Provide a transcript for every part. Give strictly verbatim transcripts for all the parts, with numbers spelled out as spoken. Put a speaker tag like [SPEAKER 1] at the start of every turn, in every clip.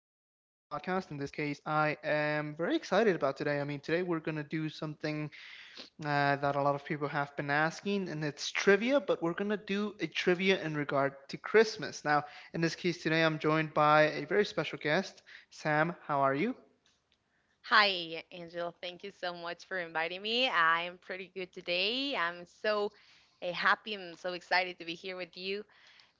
[SPEAKER 1] podcast. In this case, I am very excited about today. I mean, today we're going to do something uh, that a lot of people have been asking, and it's trivia, but we're going to do a trivia in regard to Christmas. Now, in this case, today I'm joined by a very special guest. Sam, how are you?
[SPEAKER 2] Hi, Angel. Thank you so much for inviting me. I'm pretty good today. I'm so uh, happy and so excited to be here with you.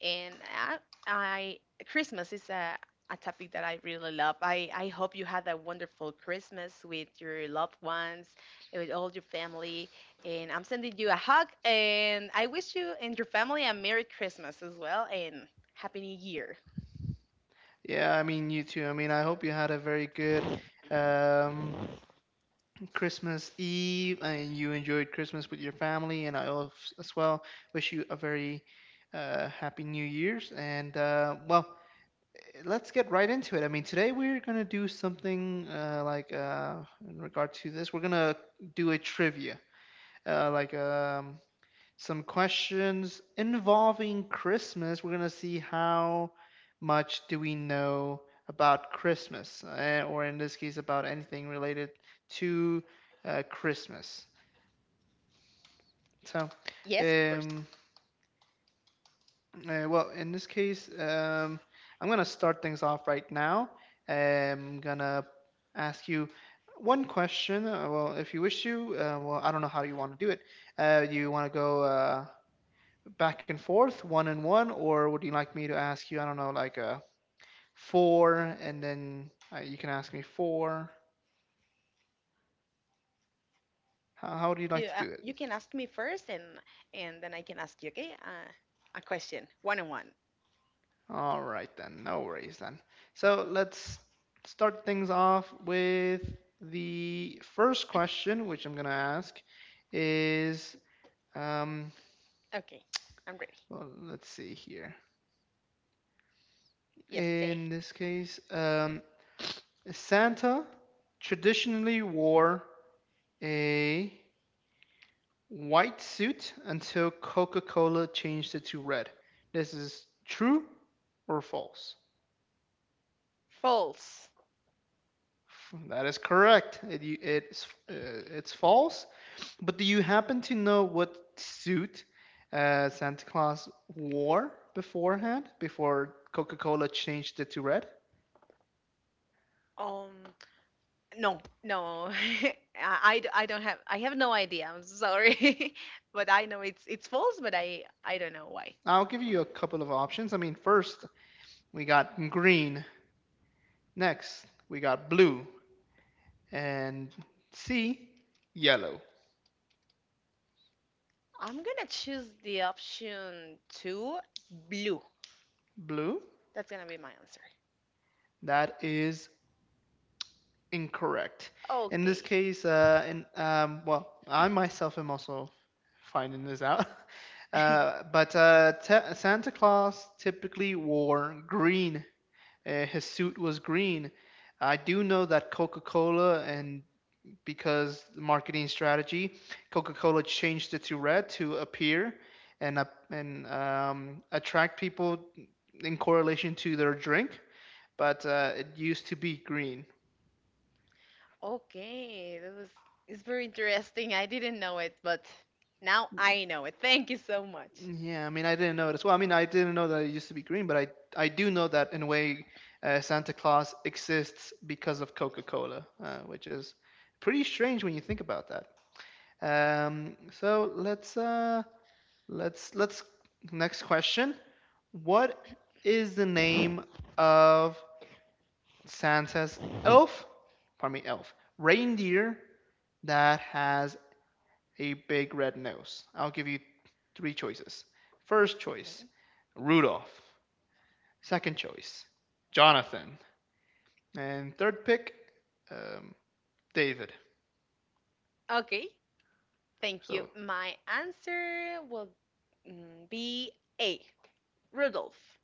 [SPEAKER 2] And I, I Christmas is a, a topic that I really love. I, I hope you had a wonderful Christmas with your loved ones, and with all your family. And I'm sending you a hug. And I wish you and your family a Merry Christmas as well and Happy New Year.
[SPEAKER 1] Yeah, I mean, you too. I mean, I hope you had a very good um, Christmas Eve and you enjoyed Christmas with your family. And I al- as well wish you a very uh, happy New Year's. And uh, well, let's get right into it. I mean, today we're gonna do something uh, like uh, in regard to this. We're gonna do a trivia, uh, like um, some questions involving Christmas. We're gonna see how much do we know about Christmas, uh, or in this case, about anything related to uh, Christmas. So,
[SPEAKER 2] Yes, of course.
[SPEAKER 1] um, uh, well, in this case, um, I'm gonna start things off right now. I'm gonna ask you one question. Uh, well, if you wish to, uh, well, I don't know how you want to do it. Uh, do you want to go, Uh, back and forth, one and one, or would you like me to ask you? I don't know, like a four, and then uh, you can ask me four.
[SPEAKER 2] Okay, I, I can
[SPEAKER 1] How, how would
[SPEAKER 2] ask
[SPEAKER 1] you
[SPEAKER 2] you.
[SPEAKER 1] like
[SPEAKER 2] Uh,
[SPEAKER 1] to do
[SPEAKER 2] you
[SPEAKER 1] it?
[SPEAKER 2] can ask me first, and and then I can ask you. Okay, uh, a question, one on one.
[SPEAKER 1] All right then, no worries then. So let's start things off with the first question, which I'm gonna ask, is um,
[SPEAKER 2] Okay, I'm ready.
[SPEAKER 1] well, let's see here.
[SPEAKER 2] Yes, say
[SPEAKER 1] In this case, um, Santa traditionally wore a white suit until Coca Cola changed it to red. This is true or false?
[SPEAKER 2] false.
[SPEAKER 1] That is correct. It, it's uh, it's false. But do you happen to know what suit uh, Santa Claus wore beforehand before Coca Cola changed it to red?
[SPEAKER 2] Um, no, no. I, I d- I don't have. I have no idea. I'm sorry, but I know it's it's false, but I I don't know why.
[SPEAKER 1] I'll give you a couple of options. I mean, first we got green. Next we got blue, and C, yellow.
[SPEAKER 2] I'm gonna choose the option two, blue.
[SPEAKER 1] Blue.
[SPEAKER 2] That's gonna be my answer.
[SPEAKER 1] That is incorrect. In this
[SPEAKER 2] Okay.
[SPEAKER 1] case, uh, in, um, well, I myself am also finding this out. Uh, but uh, te- Santa Claus typically wore green. Uh, his suit was green. I do know that Coca Cola, and because the marketing strategy, Coca Cola changed it to red to appear and up and um, attract people in correlation to their drink, but uh, it used to be green.
[SPEAKER 2] Okay, that was it's very interesting. I didn't know it, but now I know it. Thank you so much.
[SPEAKER 1] Yeah, I mean, I didn't know it as well. I mean, I didn't know that it used to be green, but I I do know that in a way, uh, Santa Claus exists because of Coca-Cola, uh, which is pretty strange when you think about that. Um, so let's uh let's let's next question. What is the name of Santa's elf? Pardon me, elf reindeer that has a big red nose. I'll give you three choices. First choice,
[SPEAKER 2] Okay.
[SPEAKER 1] Rudolph. Second choice, Jonathan. And third pick, um, David.
[SPEAKER 2] Okay, thank you.
[SPEAKER 1] So
[SPEAKER 2] My answer will mm, be A. Rudolph.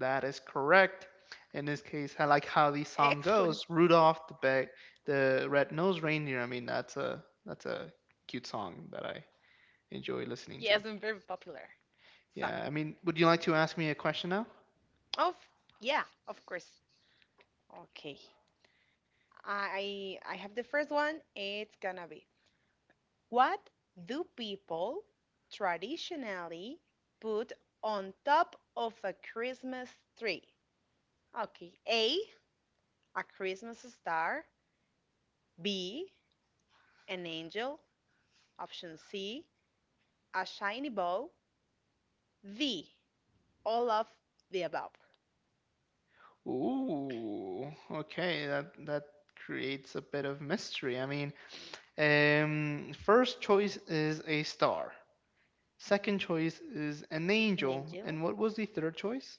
[SPEAKER 1] that is correct. In this case, I like how the song
[SPEAKER 2] Excellent.
[SPEAKER 1] goes. Rudolph, the big, the red-nosed reindeer. I mean, that's a that's a cute song that I enjoy listening to.
[SPEAKER 2] Yes, and very popular
[SPEAKER 1] Yeah,
[SPEAKER 2] song.
[SPEAKER 1] I mean, would you like to ask me a question now?
[SPEAKER 2] Of yeah, of course. Okay. I I have the first one. It's gonna be what do people traditionally put on top of a Christmas tree? Okay, A, a Christmas star, B, an angel, option C, a shiny bow, D, all of the above.
[SPEAKER 1] Ooh, okay, that that creates a bit of mystery. I mean, um, first choice is a star. Second choice is an
[SPEAKER 2] An
[SPEAKER 1] angel.
[SPEAKER 2] angel,
[SPEAKER 1] And what was the third choice?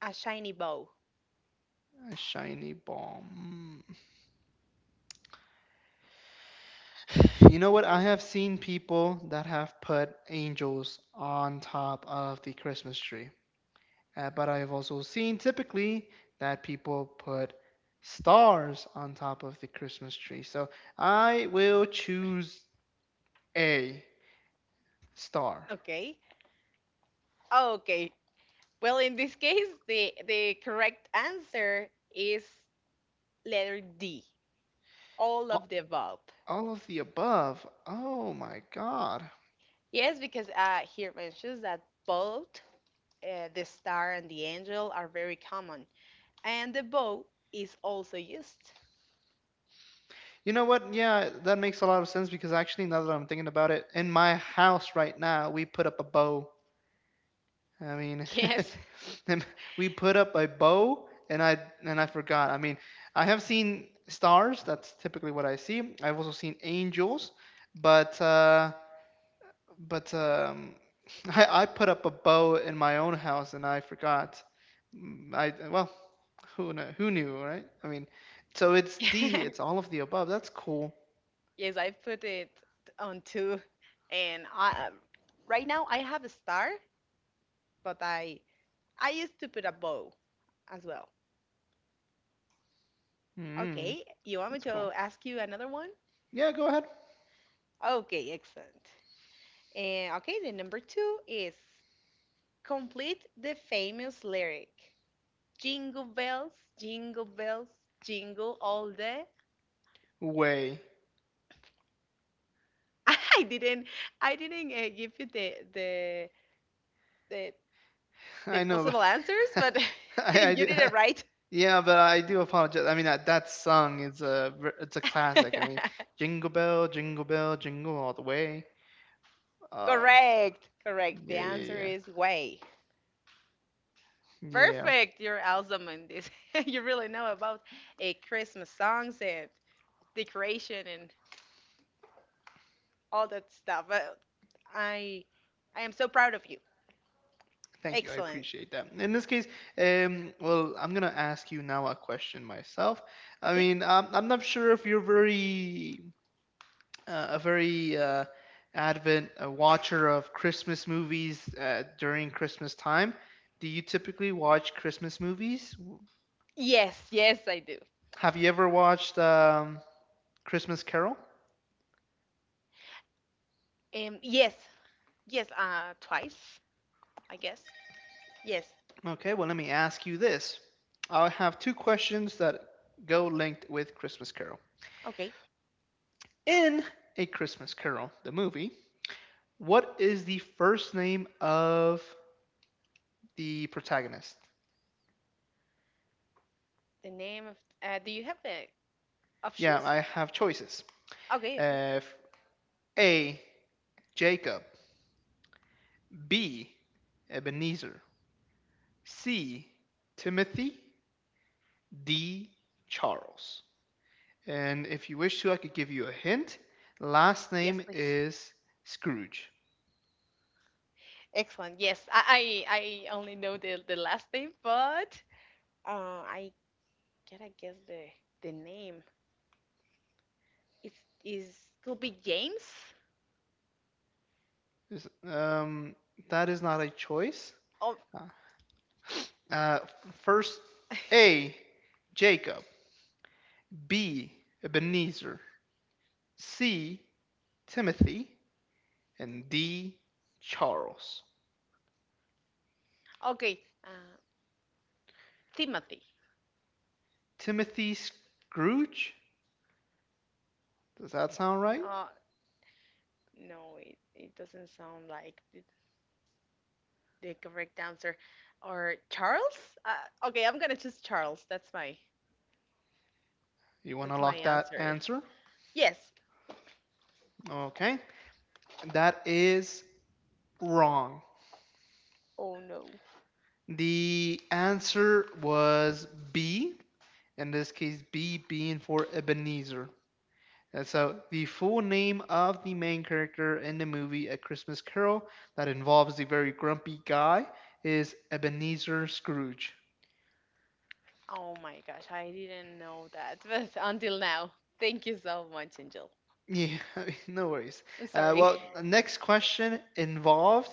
[SPEAKER 2] a shiny bow.
[SPEAKER 1] A shiny bomb. You know what? I have seen people that have put angels on top of the Christmas tree. Uh, but I have also seen typically that people put stars on top of the Christmas tree. So I will choose A star.
[SPEAKER 2] Okay, okay. Well, in this case, the, the correct answer is letter D, all
[SPEAKER 1] A-
[SPEAKER 2] of the above.
[SPEAKER 1] All of the above. Oh my God.
[SPEAKER 2] Yes, because uh, here mentions that both uh, the star and the angel are very common, and the bow is also used.
[SPEAKER 1] You know what? Yeah, that makes a lot of sense because actually, now that I'm thinking about it, in my house right now, we put up a bow. I mean,
[SPEAKER 2] Yes,
[SPEAKER 1] and we put up a bow, and I and I forgot. I mean, I have seen stars. That's typically what I see. I've also seen angels, but uh, but um, I, I put up a bow in my own house and I forgot. Mm, I well, who kn- who knew, right? I mean, so it's D. It's all of the above. That's cool.
[SPEAKER 2] yes, I put it on two, and I, right now I have a star, but I I used to put a bow as well.
[SPEAKER 1] Mm,
[SPEAKER 2] Okay, you want me
[SPEAKER 1] that's
[SPEAKER 2] to
[SPEAKER 1] cool.
[SPEAKER 2] ask you another one?
[SPEAKER 1] Yeah, go ahead.
[SPEAKER 2] Okay, excellent. And okay, the number two is complete the famous lyric. Jingle bells, jingle bells, jingle all day.
[SPEAKER 1] Way.
[SPEAKER 2] I didn't, I didn't uh, give you the the the the
[SPEAKER 1] I know.
[SPEAKER 2] possible answers,
[SPEAKER 1] But
[SPEAKER 2] but
[SPEAKER 1] I, I
[SPEAKER 2] you
[SPEAKER 1] do.
[SPEAKER 2] did it right.
[SPEAKER 1] Yeah, but I do apologize. I mean, that that song is a ver- it's a classic. I mean, Jingle Bell, Jingle Bell, Jingle All the Way. Uh,
[SPEAKER 2] Correct, correct. The
[SPEAKER 1] yeah, yeah,
[SPEAKER 2] answer
[SPEAKER 1] yeah,
[SPEAKER 2] is way.
[SPEAKER 1] yeah.
[SPEAKER 2] Perfect. You're awesome in this. You really know about a Christmas songs and decoration and all that stuff. Uh, I I am so proud of you.
[SPEAKER 1] Thank you. I
[SPEAKER 2] Excellent.
[SPEAKER 1] appreciate that. In this case, um, well, I'm gonna ask you now a question myself. I
[SPEAKER 2] Okay.
[SPEAKER 1] mean, I'm, I'm not sure if you're very uh, a very uh, avid uh, watcher of Christmas movies uh, during Christmas time. Do you typically watch Christmas movies? W-
[SPEAKER 2] Yes, yes, I do.
[SPEAKER 1] Have you ever watched um, Christmas Carol?
[SPEAKER 2] Um, yes, Yes, uh, twice, I guess. Yes.
[SPEAKER 1] Okay. Well, let me ask you this. I have two questions that go linked with Christmas Carol.
[SPEAKER 2] Okay.
[SPEAKER 1] In A Christmas Carol, the movie, what is the first name of the protagonist?
[SPEAKER 2] The name of uh, do you have the
[SPEAKER 1] Yeah,
[SPEAKER 2] options?
[SPEAKER 1] I have choices.
[SPEAKER 2] Okay, okay.
[SPEAKER 1] Uh, A. Jacob. B. Ebenezer. C. Timothy. D. Charles. And if you wish to, I could give you a hint. Last
[SPEAKER 2] Yes,
[SPEAKER 1] name
[SPEAKER 2] please.
[SPEAKER 1] is Scrooge.
[SPEAKER 2] Excellent. Yes, I I, I only know the, the last name, but uh, I gotta guess the the name. It's is could be James.
[SPEAKER 1] Um, that is not a choice.
[SPEAKER 2] Oh,
[SPEAKER 1] Uh, First, A. Jacob. B. Ebenezer. C. Timothy, and D. Charles.
[SPEAKER 2] okay. Uh, Timothy.
[SPEAKER 1] Timothy Scrooge? Does that sound right?
[SPEAKER 2] Uh, no, it, it doesn't sound like the, the correct answer. Or Charles? Uh, okay, I'm gonna choose Charles. That's my
[SPEAKER 1] You want
[SPEAKER 2] That's
[SPEAKER 1] to
[SPEAKER 2] my
[SPEAKER 1] lock that
[SPEAKER 2] answer.
[SPEAKER 1] answer?
[SPEAKER 2] Yes.
[SPEAKER 1] Okay. That is wrong.
[SPEAKER 2] Oh no.
[SPEAKER 1] The answer was B, in this case, B being for Ebenezer. And so, the full name of the main character in the movie A Christmas Carol that involves the very grumpy guy is Ebenezer Scrooge.
[SPEAKER 2] Oh my gosh, I didn't know that. But until now, thank you so much, Angel.
[SPEAKER 1] Yeah, no worries.
[SPEAKER 2] I'm
[SPEAKER 1] Uh,
[SPEAKER 2] sorry.
[SPEAKER 1] well, next question involved,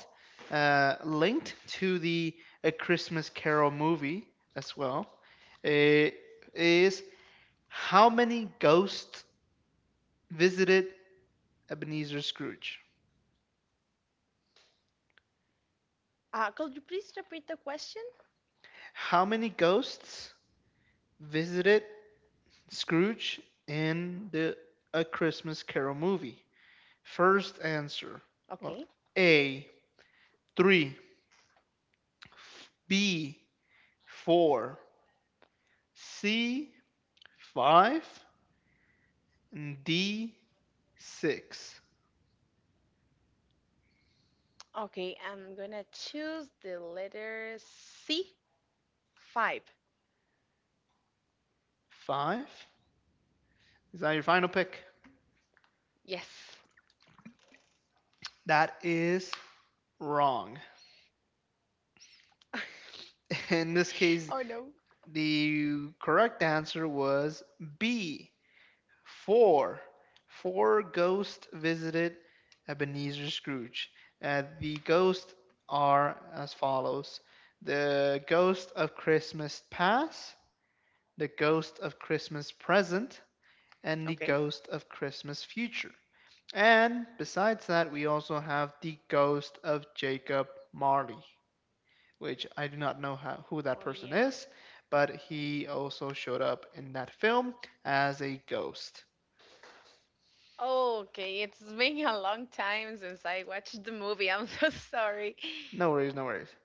[SPEAKER 1] uh, linked to the A Christmas Carol movie as well, uh, is how many ghosts visited Ebenezer Scrooge?
[SPEAKER 2] Uh, could you please repeat the question?
[SPEAKER 1] How many ghosts visited Scrooge in the A Christmas Carol movie? First answer. Well,
[SPEAKER 2] Okay.
[SPEAKER 1] A, three, B, four, C, five, and D six.
[SPEAKER 2] Okay, I'm gonna choose the letter C. Five.
[SPEAKER 1] Five. Is that your final pick?
[SPEAKER 2] Yes.
[SPEAKER 1] That is wrong. In this case,
[SPEAKER 2] Oh no.
[SPEAKER 1] the correct answer was B. Four. Four ghosts visited Ebenezer Scrooge. Uh, the ghosts are as follows: the ghost of Christmas past, the ghost of Christmas present, and the
[SPEAKER 2] Okay.
[SPEAKER 1] ghost of Christmas future. And besides that, we also have the ghost of Jacob Marley, which I do not know how, who that
[SPEAKER 2] Oh
[SPEAKER 1] person
[SPEAKER 2] yeah.
[SPEAKER 1] is, but he also showed up in that film as a ghost.
[SPEAKER 2] Okay, it's been a long time since I watched the movie. I'm so sorry.
[SPEAKER 1] No worries, no worries.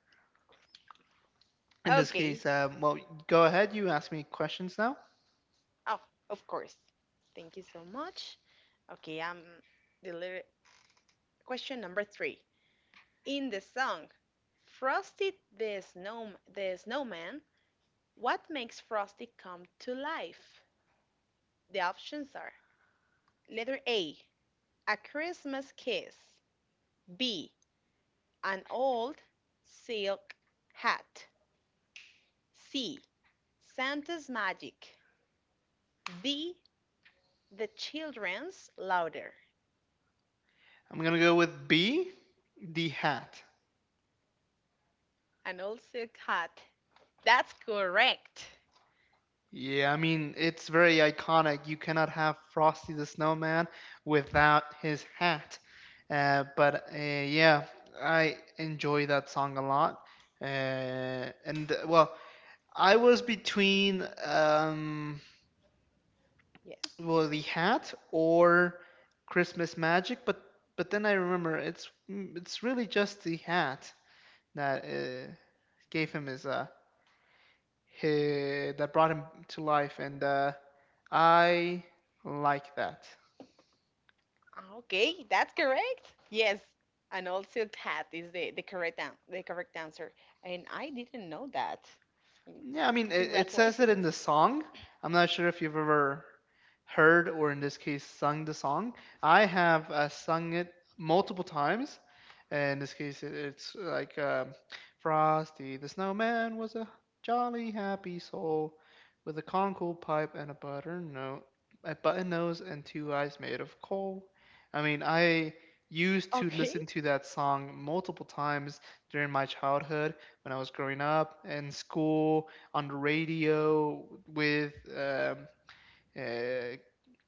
[SPEAKER 1] In this
[SPEAKER 2] Okay,
[SPEAKER 1] case, um, well, go ahead, you ask me questions now.
[SPEAKER 2] oh, of course. Thank you so much. Okay, um, the lyri- question number three. In the song Frosty the Snow the Snowman, what makes Frosty come to life? The options are letter A, a Christmas kiss, B, an old silk hat, C, Santa's magic, D, the children's louder,
[SPEAKER 1] I'm gonna go with B, the hat.
[SPEAKER 2] an old silk hat. That's correct.
[SPEAKER 1] Yeah, I mean, it's very iconic. You cannot have Frosty the Snowman without his hat. Uh, but uh, yeah, I enjoy that song a lot. Uh, and uh, well, I was between um,
[SPEAKER 2] Yes.
[SPEAKER 1] well, the hat or Christmas Magic, but but then I remember it's it's really just the hat that uh, gave him his uh, he, that brought him to life, and uh, I like that.
[SPEAKER 2] Okay, that's correct. Yes, an old silk hat is the, the correct an- the correct answer, and I didn't know that. Mm,
[SPEAKER 1] Yeah, I mean, it, it says it
[SPEAKER 2] congratulations.
[SPEAKER 1] in the song. I'm not sure if you've ever heard or, in this case, sung the song. I have uh, sung it multiple times. In this case, it, it's like um, Frosty the Snowman was a jolly, happy soul with a conkle pipe and a butter no a button nose and two eyes made of coal. I mean, I used to
[SPEAKER 2] Okay,
[SPEAKER 1] listen to that song multiple times during my childhood when I was growing up in school on the radio with um, uh,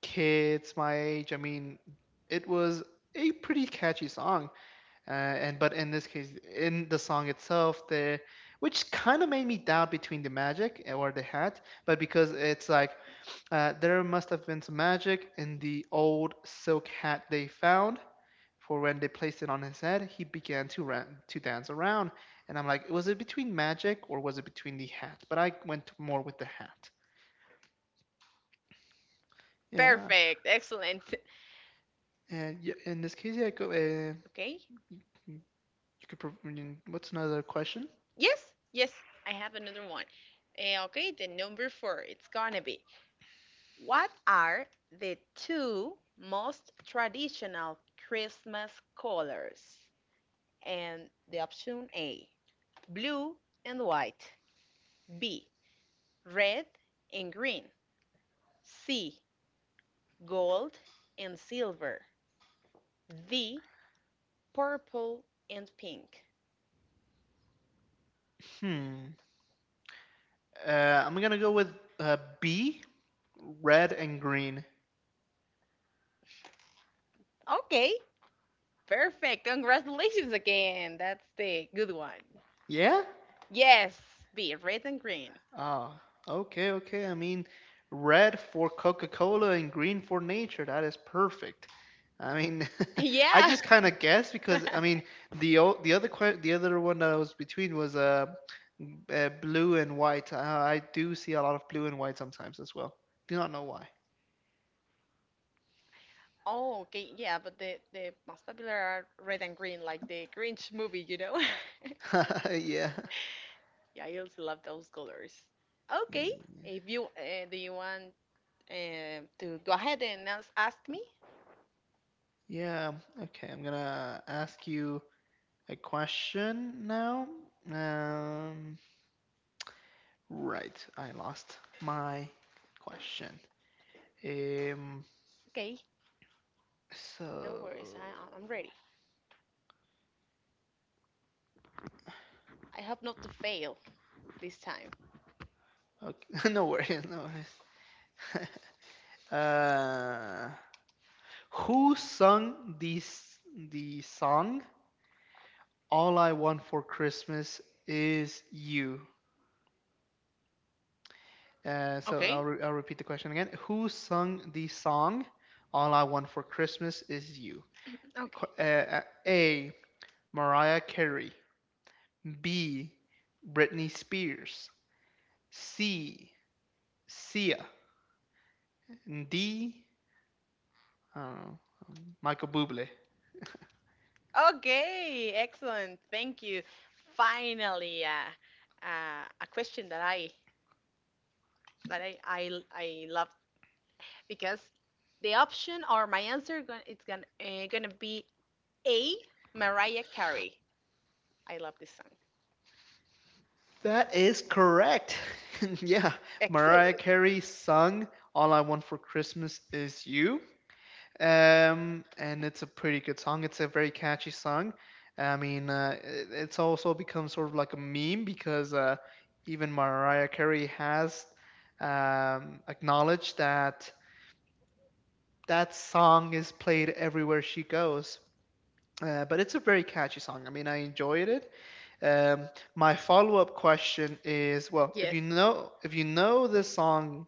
[SPEAKER 1] kids my age. I mean, it was a pretty catchy song, uh, and but in this case, in the song itself, there, which kind of made me doubt between the magic or the hat, but because it's like uh, there must have been some magic in the old silk hat they found, for when they placed it on his head, he began to ra- to dance around, and I'm like, was it between magic or was it between the hat? But I went more with the hat. Yeah,
[SPEAKER 2] perfect, excellent.
[SPEAKER 1] and y- in this case, yeah, go. Uh,
[SPEAKER 2] Okay,
[SPEAKER 1] you could. Prov- I mean, what's another question?
[SPEAKER 2] yes, yes, I have another one. Eh, okay, the number four. It's gonna be what are the two most traditional Christmas colors? And the option A blue and white, B. red and green, C. gold and silver, D. purple and pink.
[SPEAKER 1] Hmm. Uh, I'm gonna go with uh, B, red and green.
[SPEAKER 2] Okay, perfect. Congratulations again. That's the good one.
[SPEAKER 1] Yeah.
[SPEAKER 2] Yes, B. red and green.
[SPEAKER 1] Ah, okay, okay. I mean, red for Coca-Cola and green for nature. That is perfect. I mean, I
[SPEAKER 2] Yeah.
[SPEAKER 1] just kind of guessed because I mean the o- the other que- the other one that I was between was uh, uh blue and white. Uh, I do see a lot of blue and white sometimes as well. Do not know why.
[SPEAKER 2] Oh, okay. Yeah, but the the most popular are red and green, like the Grinch movie, you know?
[SPEAKER 1] Yeah.
[SPEAKER 2] Yeah, I also love those colors. Okay.
[SPEAKER 1] Mm.
[SPEAKER 2] If you uh, do you want uh, to go ahead and ask, ask me.
[SPEAKER 1] Yeah. Okay. I'm gonna ask you a question now. Um, Right, I lost my question. Um,
[SPEAKER 2] Okay, no
[SPEAKER 1] so
[SPEAKER 2] worries. I, I'm ready. I hope not to fail this time.
[SPEAKER 1] okay. No worries, no worries. Uh, who sung this the song "All I Want for Christmas Is You"? Uh, so
[SPEAKER 2] Okay.
[SPEAKER 1] I'll re- I'll repeat the question again. Who sung the song "All I Want for Christmas Is You"?
[SPEAKER 2] Okay.
[SPEAKER 1] Qu- Uh, uh, A. Mariah Carey. B. Britney Spears. C. Sia. And D. I don't know. um, Michael Bublé.
[SPEAKER 2] Okay. Excellent. Thank you. Finally, uh, uh, a question that I that I I, I love because the option or my answer gon- it's gonna uh, gonna be A. Mariah Carey. I love this song.
[SPEAKER 1] That is correct. yeah. Mariah
[SPEAKER 2] Excellent.
[SPEAKER 1] Carey sung All I Want for Christmas Is You. Um, and it's a pretty good song. It's a very catchy song. I mean, uh, it- it's also become sort of like a meme because uh, even Mariah Carey has um, acknowledged that that song is played everywhere she goes. Uh, but it's a very catchy song. I mean, I enjoyed it. Um, my follow-up question is, well, if
[SPEAKER 2] Yes.
[SPEAKER 1] you know if you know this song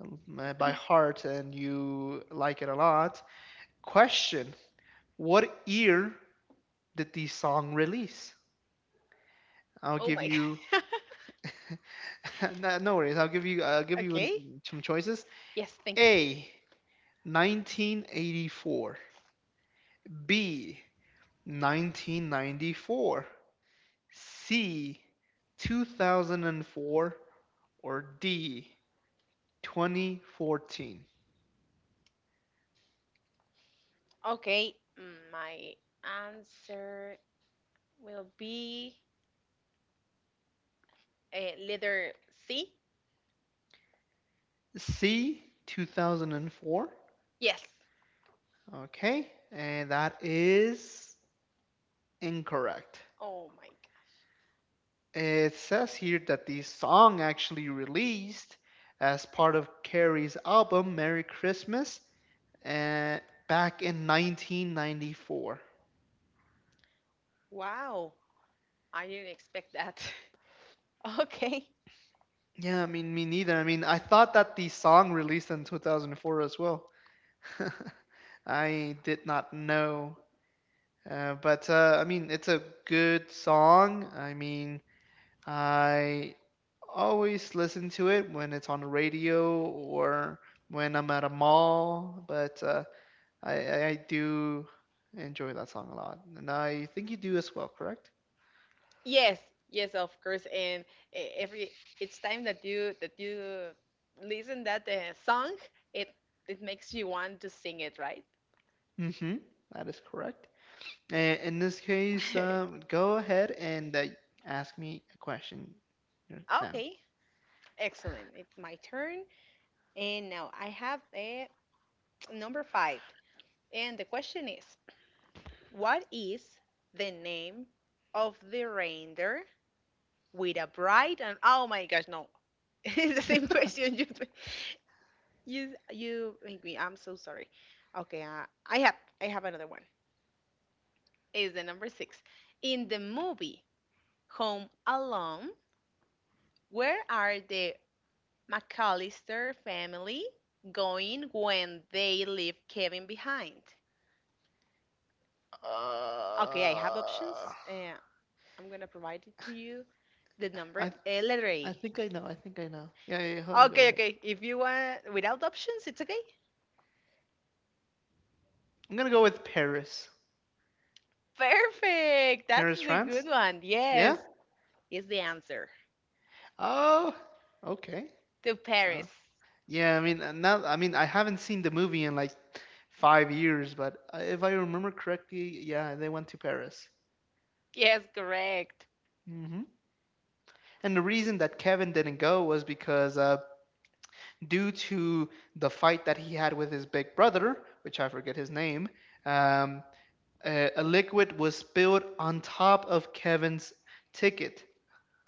[SPEAKER 1] um, uh, by heart and you like it a lot, question: what year did the song release? I'll
[SPEAKER 2] Oh
[SPEAKER 1] give
[SPEAKER 2] my.
[SPEAKER 1] you
[SPEAKER 2] God.
[SPEAKER 1] no, no worries. I'll give you I'll give you
[SPEAKER 2] Okay.
[SPEAKER 1] an- some choices.
[SPEAKER 2] Yes. Thank you.
[SPEAKER 1] A, nineteen eighty-four. B, nineteen ninety-four. C, two thousand four, or D, twenty fourteen?
[SPEAKER 2] Okay, mm, my answer will be uh, letter C.
[SPEAKER 1] C, two thousand four.
[SPEAKER 2] Yes.
[SPEAKER 1] Okay, and that is incorrect.
[SPEAKER 2] Oh my gosh.
[SPEAKER 1] It says here that the song actually released as part of Carrie's album Merry Christmas uh, back in nineteen ninety-four.
[SPEAKER 2] Wow. I didn't expect that. Okay.
[SPEAKER 1] Yeah, I mean, me neither. I mean, I thought that the song released in two thousand four as well. I did not know. Uh, but uh, I mean, it's a good song. I mean, I always listen to it when it's on the radio or when I'm at a mall. But uh, I, I I do enjoy that song a lot. And I think you do as well, correct?
[SPEAKER 2] Yes, yes, of course. And e- every each time that you that you listen that uh, song, it it makes you want to sing it, right?
[SPEAKER 1] Mm-hmm. That is correct. And in this case, um, go ahead and uh, ask me a question now.
[SPEAKER 2] Okay, excellent. It's my turn, and now I have a number five. And the question is, what is the name of the reindeer with a bright and oh my gosh, no. It's the same question. You, you, you make me. I'm so sorry. Okay, uh, I have I have another one. Is the number six in the movie Home Alone? Where are the McAllister family going when they leave Kevin behind? Okay, I have
[SPEAKER 1] Uh,
[SPEAKER 2] options. Uh, I'm gonna provide it to you. The number
[SPEAKER 1] I
[SPEAKER 2] eh, letter
[SPEAKER 1] I
[SPEAKER 2] A.
[SPEAKER 1] think I know. I think I know. Yeah, yeah, yeah. Hold on. Go
[SPEAKER 2] Okay,
[SPEAKER 1] ahead.
[SPEAKER 2] okay. If you want without options, it's okay.
[SPEAKER 1] I'm gonna go with Paris.
[SPEAKER 2] Perfect. That's
[SPEAKER 1] Paris,
[SPEAKER 2] the
[SPEAKER 1] France.
[SPEAKER 2] good one.
[SPEAKER 1] Yeah.
[SPEAKER 2] Yes, is the answer
[SPEAKER 1] Oh. Okay.
[SPEAKER 2] to
[SPEAKER 1] Uh,
[SPEAKER 2] Paris.
[SPEAKER 1] yeah. I mean, uh, now. I mean, I haven't seen the movie in like five years, but uh, if I remember correctly, yeah, they went to Paris.
[SPEAKER 2] Yes, correct.
[SPEAKER 1] Hmm. And the reason that Kevin didn't go was because uh, due to the fight that he had with his big brother, which I forget his name, um, a, a liquid was spilled on top of Kevin's ticket,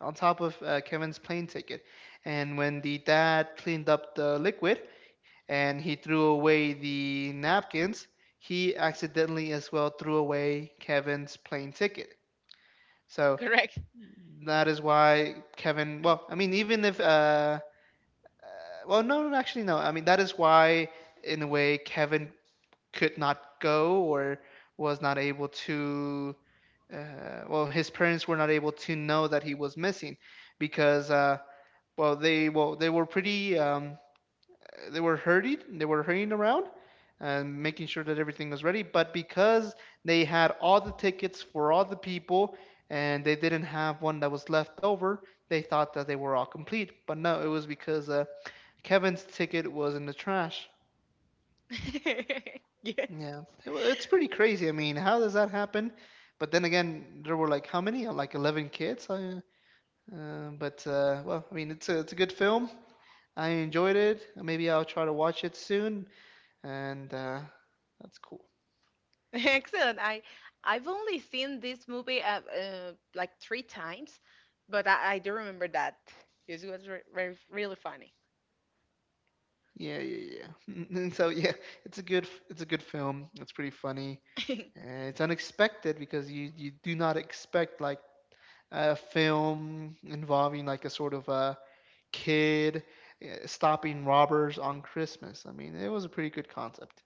[SPEAKER 1] on top of uh, Kevin's plane ticket. And when the dad cleaned up the liquid and he threw away the napkins, he accidentally as well threw away Kevin's plane ticket. So
[SPEAKER 2] Correct.
[SPEAKER 1] that is why Kevin, well, I mean, even if, uh, well, no, no, actually, no. I mean, that is why, in a way, Kevin could not go or was not able to, uh, well, his parents were not able to know that he was missing because uh, well, they well they were pretty um, they were hurried they were hurrying around and making sure that everything was ready. But because they had all the tickets for all the people and they didn't have one that was left over, they thought that they were all complete. But no, it was because uh, Kevin's ticket was in the trash.
[SPEAKER 2] Yes.
[SPEAKER 1] Yeah, it, wa- it's pretty crazy. I mean, how does that happen? But then again, there were like how many? Like eleven kids. I, uh, but uh, well, I mean, it's a it's a good film. I enjoyed it. Maybe I'll try to watch it soon. And uh, that's cool.
[SPEAKER 2] Excellent. I I've only seen this movie uh, uh, like three times, but I, I do remember that. Yes, it was re- re- really funny.
[SPEAKER 1] Yeah, yeah, yeah. And so yeah, it's a good it's a good film. It's pretty funny. And it's unexpected because you you do not expect like a film involving like a sort of a kid uh, stopping robbers on Christmas. I mean, it was a pretty good concept.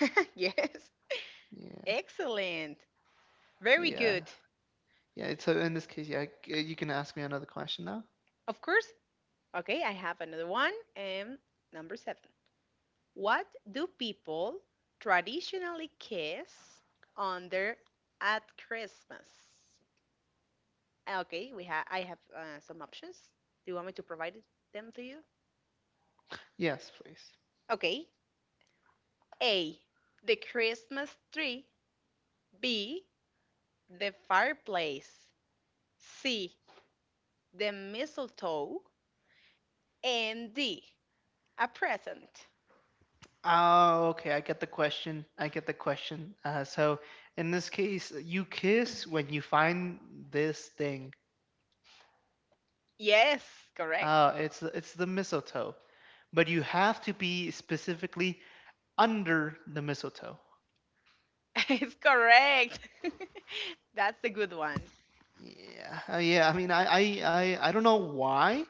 [SPEAKER 2] Yes.
[SPEAKER 1] Yeah.
[SPEAKER 2] Excellent. Very
[SPEAKER 1] Yeah.
[SPEAKER 2] good.
[SPEAKER 1] Yeah, it's so in this case, yeah, c- you can ask me another question now.
[SPEAKER 2] Of course. Okay, I have another one. Um, number seven. What do people traditionally kiss under at Christmas? Ah, Okay, we have I have uh, some options. Do you want me to provide it- them to you?
[SPEAKER 1] Yes, please.
[SPEAKER 2] Okay. A. The Christmas tree. B. The fireplace. C. The mistletoe. And D. A present.
[SPEAKER 1] Oh, okay. I get the question. I get the question. Uh, so in this case, you kiss when you find this thing.
[SPEAKER 2] Yes, correct.
[SPEAKER 1] Uh, it's it's the mistletoe, but you have to be specifically under the mistletoe.
[SPEAKER 2] It's correct. That's a good one.
[SPEAKER 1] Yeah, uh, yeah. I mean, I, I, I, I don't know why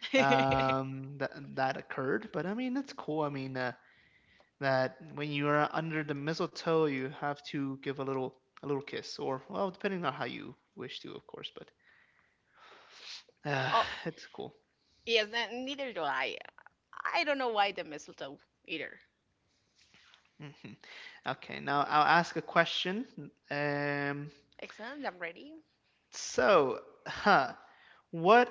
[SPEAKER 1] um that that occurred, but I mean, it's cool. I mean, uh, that when you are under the mistletoe, you have to give a little a little kiss, or well, depending on how you wish to, of course, but. Uh,
[SPEAKER 2] Oh,
[SPEAKER 1] it's cool.
[SPEAKER 2] yes, n- neither do I. I don't know why the mistletoe either.
[SPEAKER 1] Hmm. Okay, now I'll ask a question. Um,
[SPEAKER 2] Excellent, I'm ready.
[SPEAKER 1] so, huh, what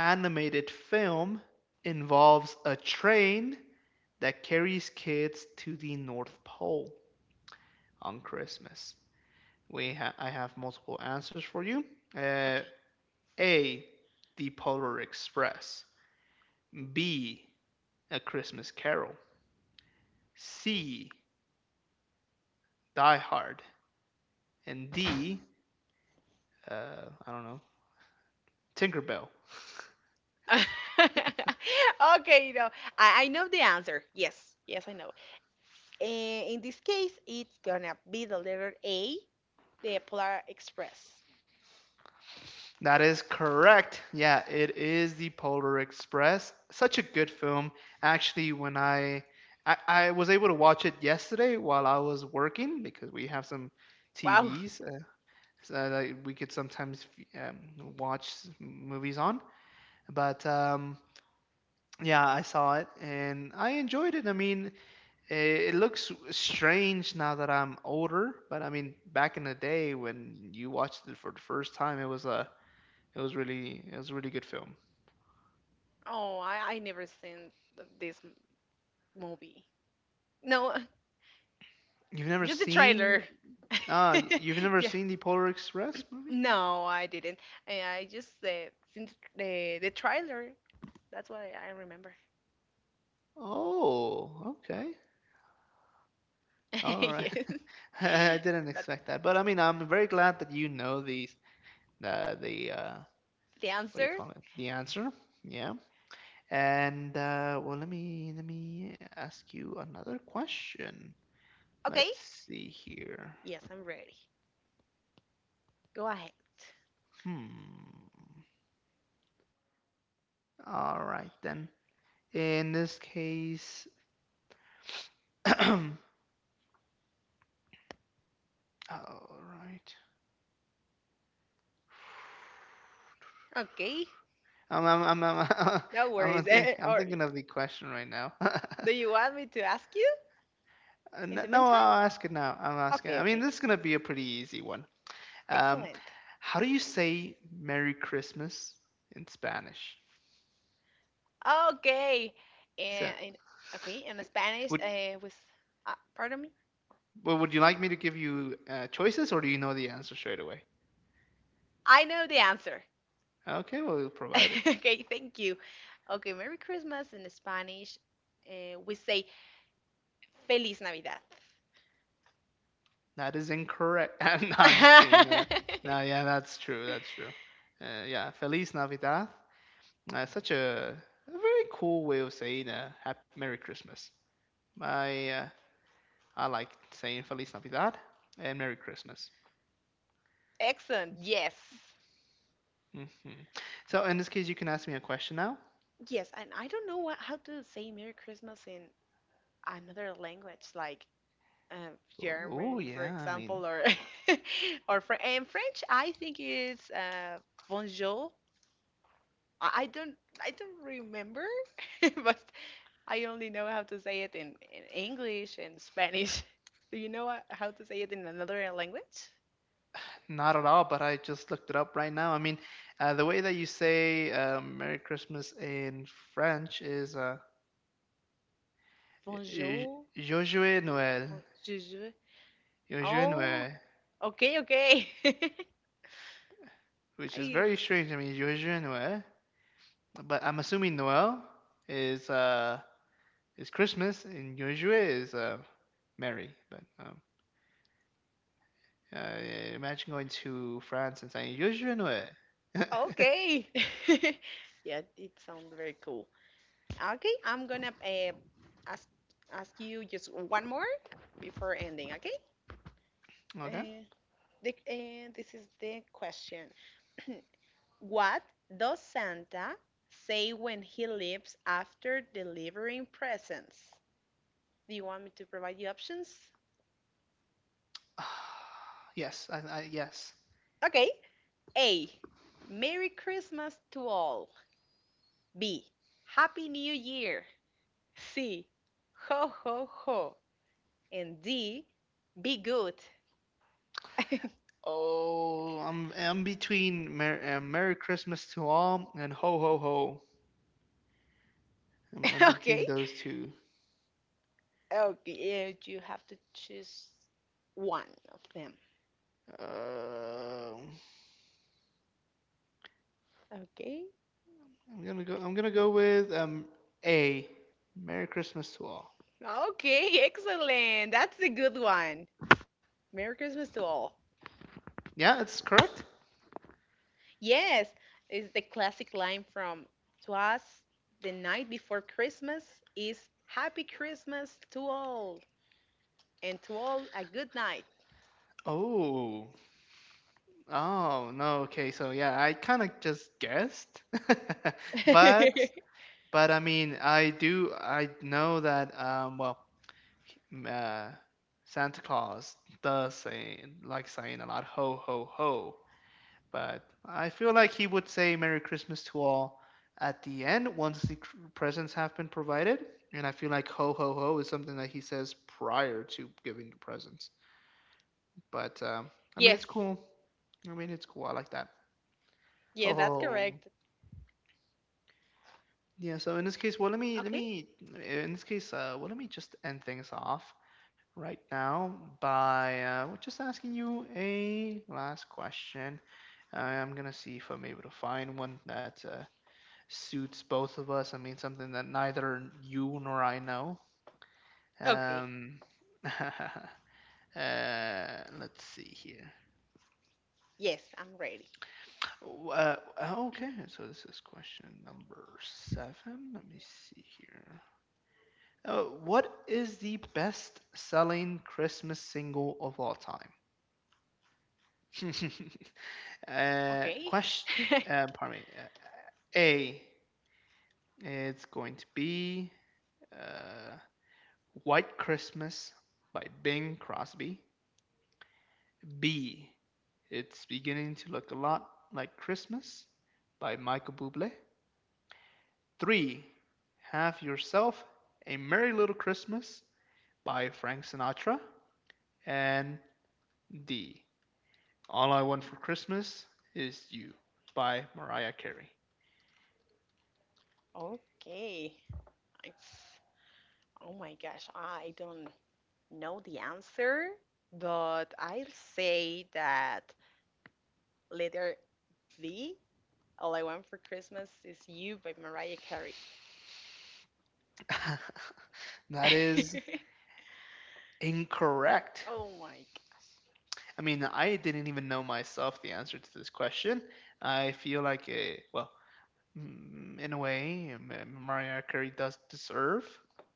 [SPEAKER 1] animated film involves a train that carries kids to the North Pole on Christmas? We ha- I have multiple answers for you. Uh, A, The Polar Express. B, A Christmas Carol. C, Die Hard. And D, uh, I don't know, Tinkerbell.
[SPEAKER 2] Okay, you know, I, I know the answer. Yes, yes, I know. Eh, in this case, it's gonna be the letter A, the Polar Express.
[SPEAKER 1] That is correct. Yeah, it is the Polar Express. Such a good film. Actually, when I I, I was able to watch it yesterday while I was working because we have some
[SPEAKER 2] Wow.
[SPEAKER 1] T Vs uh, so that I- we could sometimes um, watch movies on. But um, yeah, I saw it and I enjoyed it. I mean, it, it looks strange now that I'm older, but I mean, back in the day when you watched it for the first time, it was a It was really it was a really good film.
[SPEAKER 2] Oh, I, I never seen th- this m- movie. No,
[SPEAKER 1] You've never
[SPEAKER 2] just the
[SPEAKER 1] seen
[SPEAKER 2] trailer.
[SPEAKER 1] ah y- you've never
[SPEAKER 2] Yeah.
[SPEAKER 1] seen the Polar Express movie?
[SPEAKER 2] No, I didn't. I, I just uh, seen the, the the trailer. That's what I, I remember.
[SPEAKER 1] Oh, okay. All right.
[SPEAKER 2] Yes.
[SPEAKER 1] I didn't
[SPEAKER 2] But
[SPEAKER 1] expect that. But I mean, I'm very glad that you know the uh, the uh
[SPEAKER 2] the
[SPEAKER 1] what do you
[SPEAKER 2] answer?
[SPEAKER 1] call it? The answer. Yeah. And uh well, let me let me ask you another question.
[SPEAKER 2] Okay.
[SPEAKER 1] Let's see here.
[SPEAKER 2] Yes, I'm ready. Go ahead.
[SPEAKER 1] Hmm. All right then. In this case, all right.
[SPEAKER 2] Okay.
[SPEAKER 1] I'm I'm I'm I'm
[SPEAKER 2] No
[SPEAKER 1] I'm,
[SPEAKER 2] worries.
[SPEAKER 1] think, I'm
[SPEAKER 2] Or
[SPEAKER 1] thinking of the question right now.
[SPEAKER 2] do you want me to ask you
[SPEAKER 1] Uh, no,
[SPEAKER 2] in the
[SPEAKER 1] no,
[SPEAKER 2] meantime?
[SPEAKER 1] I'll ask it now. I'm asking.
[SPEAKER 2] Okay,
[SPEAKER 1] I mean,
[SPEAKER 2] okay.
[SPEAKER 1] this is gonna be a pretty easy one. Um,
[SPEAKER 2] Excellent.
[SPEAKER 1] how do you say Merry Christmas in Spanish?
[SPEAKER 2] Okay.
[SPEAKER 1] So,
[SPEAKER 2] And, in Okay, in Spanish
[SPEAKER 1] would
[SPEAKER 2] uh, with uh, pardon me.
[SPEAKER 1] well, would you like me to give you uh, choices, or do you know the answer straight away?
[SPEAKER 2] I know the answer.
[SPEAKER 1] Okay, well, we'll provide it.
[SPEAKER 2] Okay, thank you. Okay, Merry Christmas in Spanish. Uh, we say Feliz Navidad.
[SPEAKER 1] That is incorrect. no, I'm just kidding. Uh, no, yeah, that's true. That's true. Uh, yeah, Feliz Navidad. Uh, such a, a very cool way of saying uh, happy, Merry Christmas. I uh, I like saying Feliz Navidad and Merry Christmas.
[SPEAKER 2] Excellent. Yes.
[SPEAKER 1] Hmm. So in this case, you can ask me a question now.
[SPEAKER 2] Yes, and I don't know what how to say Merry Christmas in another language, like uh,
[SPEAKER 1] Oh
[SPEAKER 2] German, for
[SPEAKER 1] yeah, I mean
[SPEAKER 2] example, or or French. And French, I think is uh, bonjour. I, I don't I don't remember, but I only know how to say it in, in English and Spanish. Do you know what- how to say it in another language?
[SPEAKER 1] not at all, but I just looked it up right now. I mean, uh, the way that you say uh, Merry Christmas in French is uh, "J-
[SPEAKER 2] Bonjour,
[SPEAKER 1] Joyeux Noël,
[SPEAKER 2] bonjour.
[SPEAKER 1] Joyeux
[SPEAKER 2] Oh,
[SPEAKER 1] Noël,"
[SPEAKER 2] okay, okay.
[SPEAKER 1] which is
[SPEAKER 2] I
[SPEAKER 1] very strange. I mean, Joyeux Noël, but I'm assuming Noël is uh, it's Christmas, and usually is uh, merry. But um, uh, imagine going to France and saying usually okay.
[SPEAKER 2] okay. Yeah, it sounds very cool. Okay, I'm gonna uh, ask ask you just one more before ending, okay? Uh, the, uh, this is the question. What does Santa say when he leaves after delivering presents? Do you want me to provide you options?
[SPEAKER 1] yes, I, I, yes.
[SPEAKER 2] Okay. A. Merry Christmas to all. B. Happy New Year. C. Ho ho ho. And D, be good. Okay?
[SPEAKER 1] Oh, I'm I'm between Mer- uh, Merry Christmas to all and Ho Ho Ho. I'm, I'm between those two.
[SPEAKER 2] Okay, and you have to choose one of them.
[SPEAKER 1] Uh,
[SPEAKER 2] Okay?
[SPEAKER 1] I'm gonna go. I'm gonna go with um A. Merry Christmas to all.
[SPEAKER 2] Okay, excellent. That's a good one. Merry Christmas to all.
[SPEAKER 1] Yeah, it's correct.
[SPEAKER 2] Yes, it's the classic line from To Us the Night Before Christmas is Happy Christmas to all, and to all a good night.
[SPEAKER 1] Oh, oh, no. Okay. So yeah, I kind of just guessed. But but I mean, I do I know that um well, m- uh Santa Claus does say like saying a lot ho ho ho, but I feel like he would say Merry Christmas to all at the end once the cr- presents have been provided, and I feel like ho ho ho is something that he says prior to giving the presents. But um I mean, it's
[SPEAKER 2] Yes,
[SPEAKER 1] cool. I mean, it's cool. I like that.
[SPEAKER 2] yes, that's
[SPEAKER 1] Oh,
[SPEAKER 2] correct.
[SPEAKER 1] yeah. So in this case, well, let me let
[SPEAKER 2] Okay,
[SPEAKER 1] me in this case, uh, well, let me just end things off right now by uh, just asking you a last question. I'm gonna see if I'm able to find one that uh, suits both of us. I mean, something that neither you nor I know.
[SPEAKER 2] okay.
[SPEAKER 1] Um, uh, let's see here.
[SPEAKER 2] Yes, I'm ready.
[SPEAKER 1] Uh, okay, so this is question number seven. Let me see here. Uh, what is the best selling Christmas single of all time? uh,
[SPEAKER 2] Okay.
[SPEAKER 1] question. Uh, pardon me. Uh, A. It's going to be uh, White Christmas by Bing Crosby. B. It's beginning to look a lot like Christmas by Michael Bublé. Three. Have yourself a Merry Little Christmas by Frank Sinatra. And D. All I Want for Christmas is You by Mariah Carey.
[SPEAKER 2] Okay. It's, oh my gosh, I don't know the answer, but I'll say that letter D, All I Want for Christmas is You by Mariah Carey.
[SPEAKER 1] that is incorrect.
[SPEAKER 2] Oh my
[SPEAKER 1] I mean, I didn't even know myself the answer to this question. I feel like, a, well, mm, in a way, Mariah Carey does deserve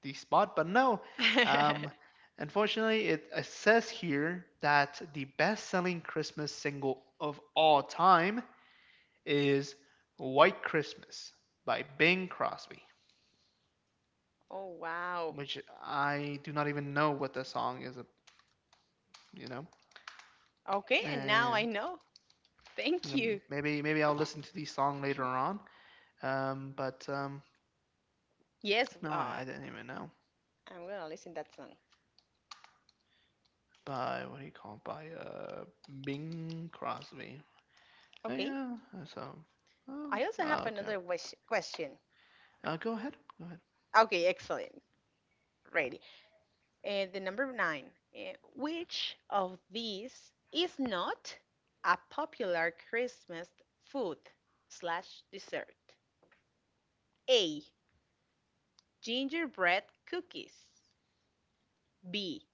[SPEAKER 1] the spot, but no.
[SPEAKER 2] gosh.
[SPEAKER 1] Um, unfortunately, it, it says here that the best selling Christmas single of all time is White Christmas by Bing Crosby.
[SPEAKER 2] Oh wow.
[SPEAKER 1] Which I do not even know what the song is. ab- You know,
[SPEAKER 2] Okay, and now
[SPEAKER 1] eh,
[SPEAKER 2] I know.
[SPEAKER 1] you
[SPEAKER 2] Thank
[SPEAKER 1] know,
[SPEAKER 2] you.
[SPEAKER 1] maybe maybe I'll listen to the song later on. Um, but um,
[SPEAKER 2] Yes,
[SPEAKER 1] no, I,
[SPEAKER 2] uh,
[SPEAKER 1] I didn't even know.
[SPEAKER 2] I'm gonna listen that song.
[SPEAKER 1] By what do you call it? By uh, Bing Crosby. Oh
[SPEAKER 2] Okay.
[SPEAKER 1] yeah. Uh, so, um,
[SPEAKER 2] I also
[SPEAKER 1] uh,
[SPEAKER 2] have
[SPEAKER 1] okay.
[SPEAKER 2] another wish question.
[SPEAKER 1] Uh, go ahead. Go ahead.
[SPEAKER 2] Okay, excellent. Ready. Uh, the number nine, uh, which of these is not a popular Christmas food slash dessert? A. Gingerbread cookies. B.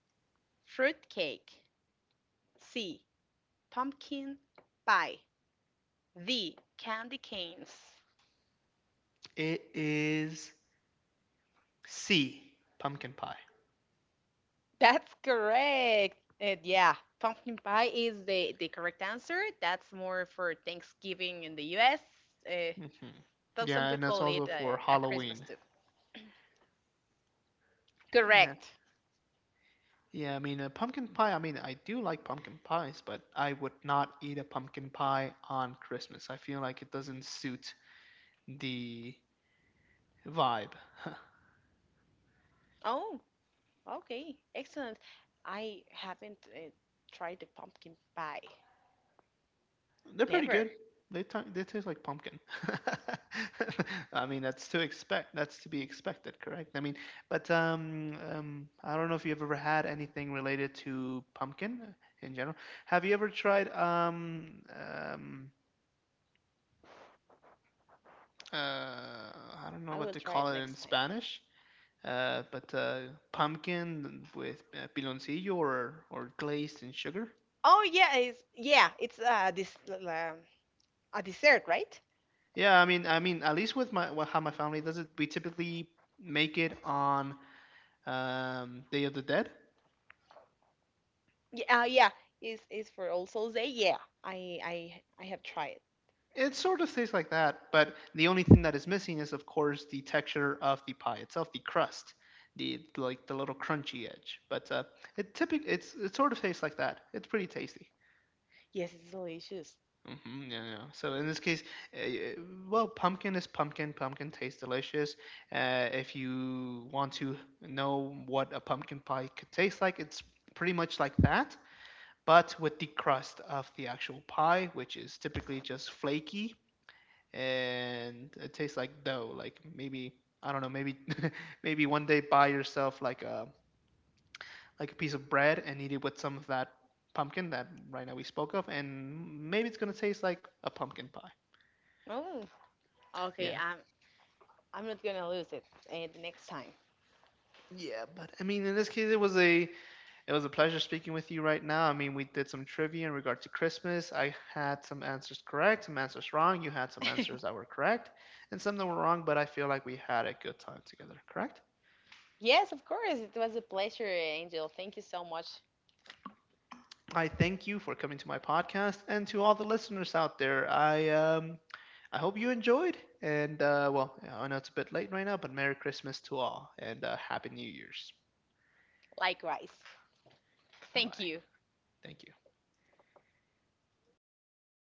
[SPEAKER 2] Fruit cake. C. Pumpkin pie. D. Candy canes.
[SPEAKER 1] It is C. Pumpkin pie.
[SPEAKER 2] That's correct. Uh, yeah, pumpkin pie is the, the correct answer. That's more for Thanksgiving in the U S. Uh,
[SPEAKER 1] Hmm.
[SPEAKER 2] though some
[SPEAKER 1] Yeah, and that's
[SPEAKER 2] people
[SPEAKER 1] also
[SPEAKER 2] eat
[SPEAKER 1] for
[SPEAKER 2] uh, at Christmas
[SPEAKER 1] Halloween.
[SPEAKER 2] too.
[SPEAKER 1] Yeah.
[SPEAKER 2] Correct.
[SPEAKER 1] Yeah, I mean, uh, pumpkin pie. I mean, I do like pumpkin pies, but I would not eat a pumpkin pie on Christmas. I feel like it doesn't suit the vibe.
[SPEAKER 2] Oh, okay, excellent. I haven't uh, tried the pumpkin pie.
[SPEAKER 1] They're pretty
[SPEAKER 2] Never.
[SPEAKER 1] good. They t- they taste like pumpkin. I mean, that's to expect. That's to be expected, correct? I mean, but um, um, I don't know if you've ever had anything related to pumpkin in general. Have you ever tried um, um, uh, I don't know
[SPEAKER 2] I
[SPEAKER 1] what
[SPEAKER 2] will
[SPEAKER 1] to
[SPEAKER 2] try
[SPEAKER 1] call
[SPEAKER 2] it
[SPEAKER 1] it in
[SPEAKER 2] next time.
[SPEAKER 1] Spanish. Uh, but uh, pumpkin with uh, piloncillo or or glazed in sugar.
[SPEAKER 2] Oh yeah, it's yeah, it's uh this um, a dessert, right?
[SPEAKER 1] Yeah, I mean, I mean, at least with my well, how my family does it, we typically make it on um, Day of the Dead.
[SPEAKER 2] Yeah, uh, yeah, is is for All Souls Day. Yeah, I I I have tried it.
[SPEAKER 1] It sort of tastes like that, but the only thing that is missing is, of course, the texture of the pie itself, the crust, the like the little crunchy edge. But uh, it typic it's it sort of tastes like that. It's pretty tasty.
[SPEAKER 2] Yes, it's delicious.
[SPEAKER 1] Hmm, yeah, yeah. So in this case, uh, y- uh, well, pumpkin is pumpkin. Pumpkin tastes delicious. Uh, if you want to know what a pumpkin pie could taste like, it's pretty much like that, but with the crust of the actual pie, which is typically just flaky and it tastes like dough. Like maybe I don't know, maybe maybe one day buy yourself like a like a piece of bread and eat it with some of that pumpkin that right now we spoke of, and maybe it's gonna taste like a pumpkin pie.
[SPEAKER 2] Oh, okay.
[SPEAKER 1] Yeah.
[SPEAKER 2] I'm I'm not gonna lose it uh, the next time.
[SPEAKER 1] Yeah, but I mean, in this case, it was a it was a pleasure speaking with you right now. I mean, we did some trivia in regard to Christmas. I had some answers correct, some answers wrong. You had some answers that were correct, and some that were wrong. But I feel like we had a good time together. Correct?
[SPEAKER 2] Yes, of course. It was a pleasure, Angel. Thank you so much.
[SPEAKER 1] I thank you for coming to my podcast, and to all the listeners out there. I um, I hope you enjoyed. And uh, well, I know it's a bit late right now, but Merry Christmas to all, and uh, Happy New Year's.
[SPEAKER 2] Likewise.
[SPEAKER 1] Bye
[SPEAKER 2] Thank
[SPEAKER 1] bye.
[SPEAKER 2] you.
[SPEAKER 1] Thank you.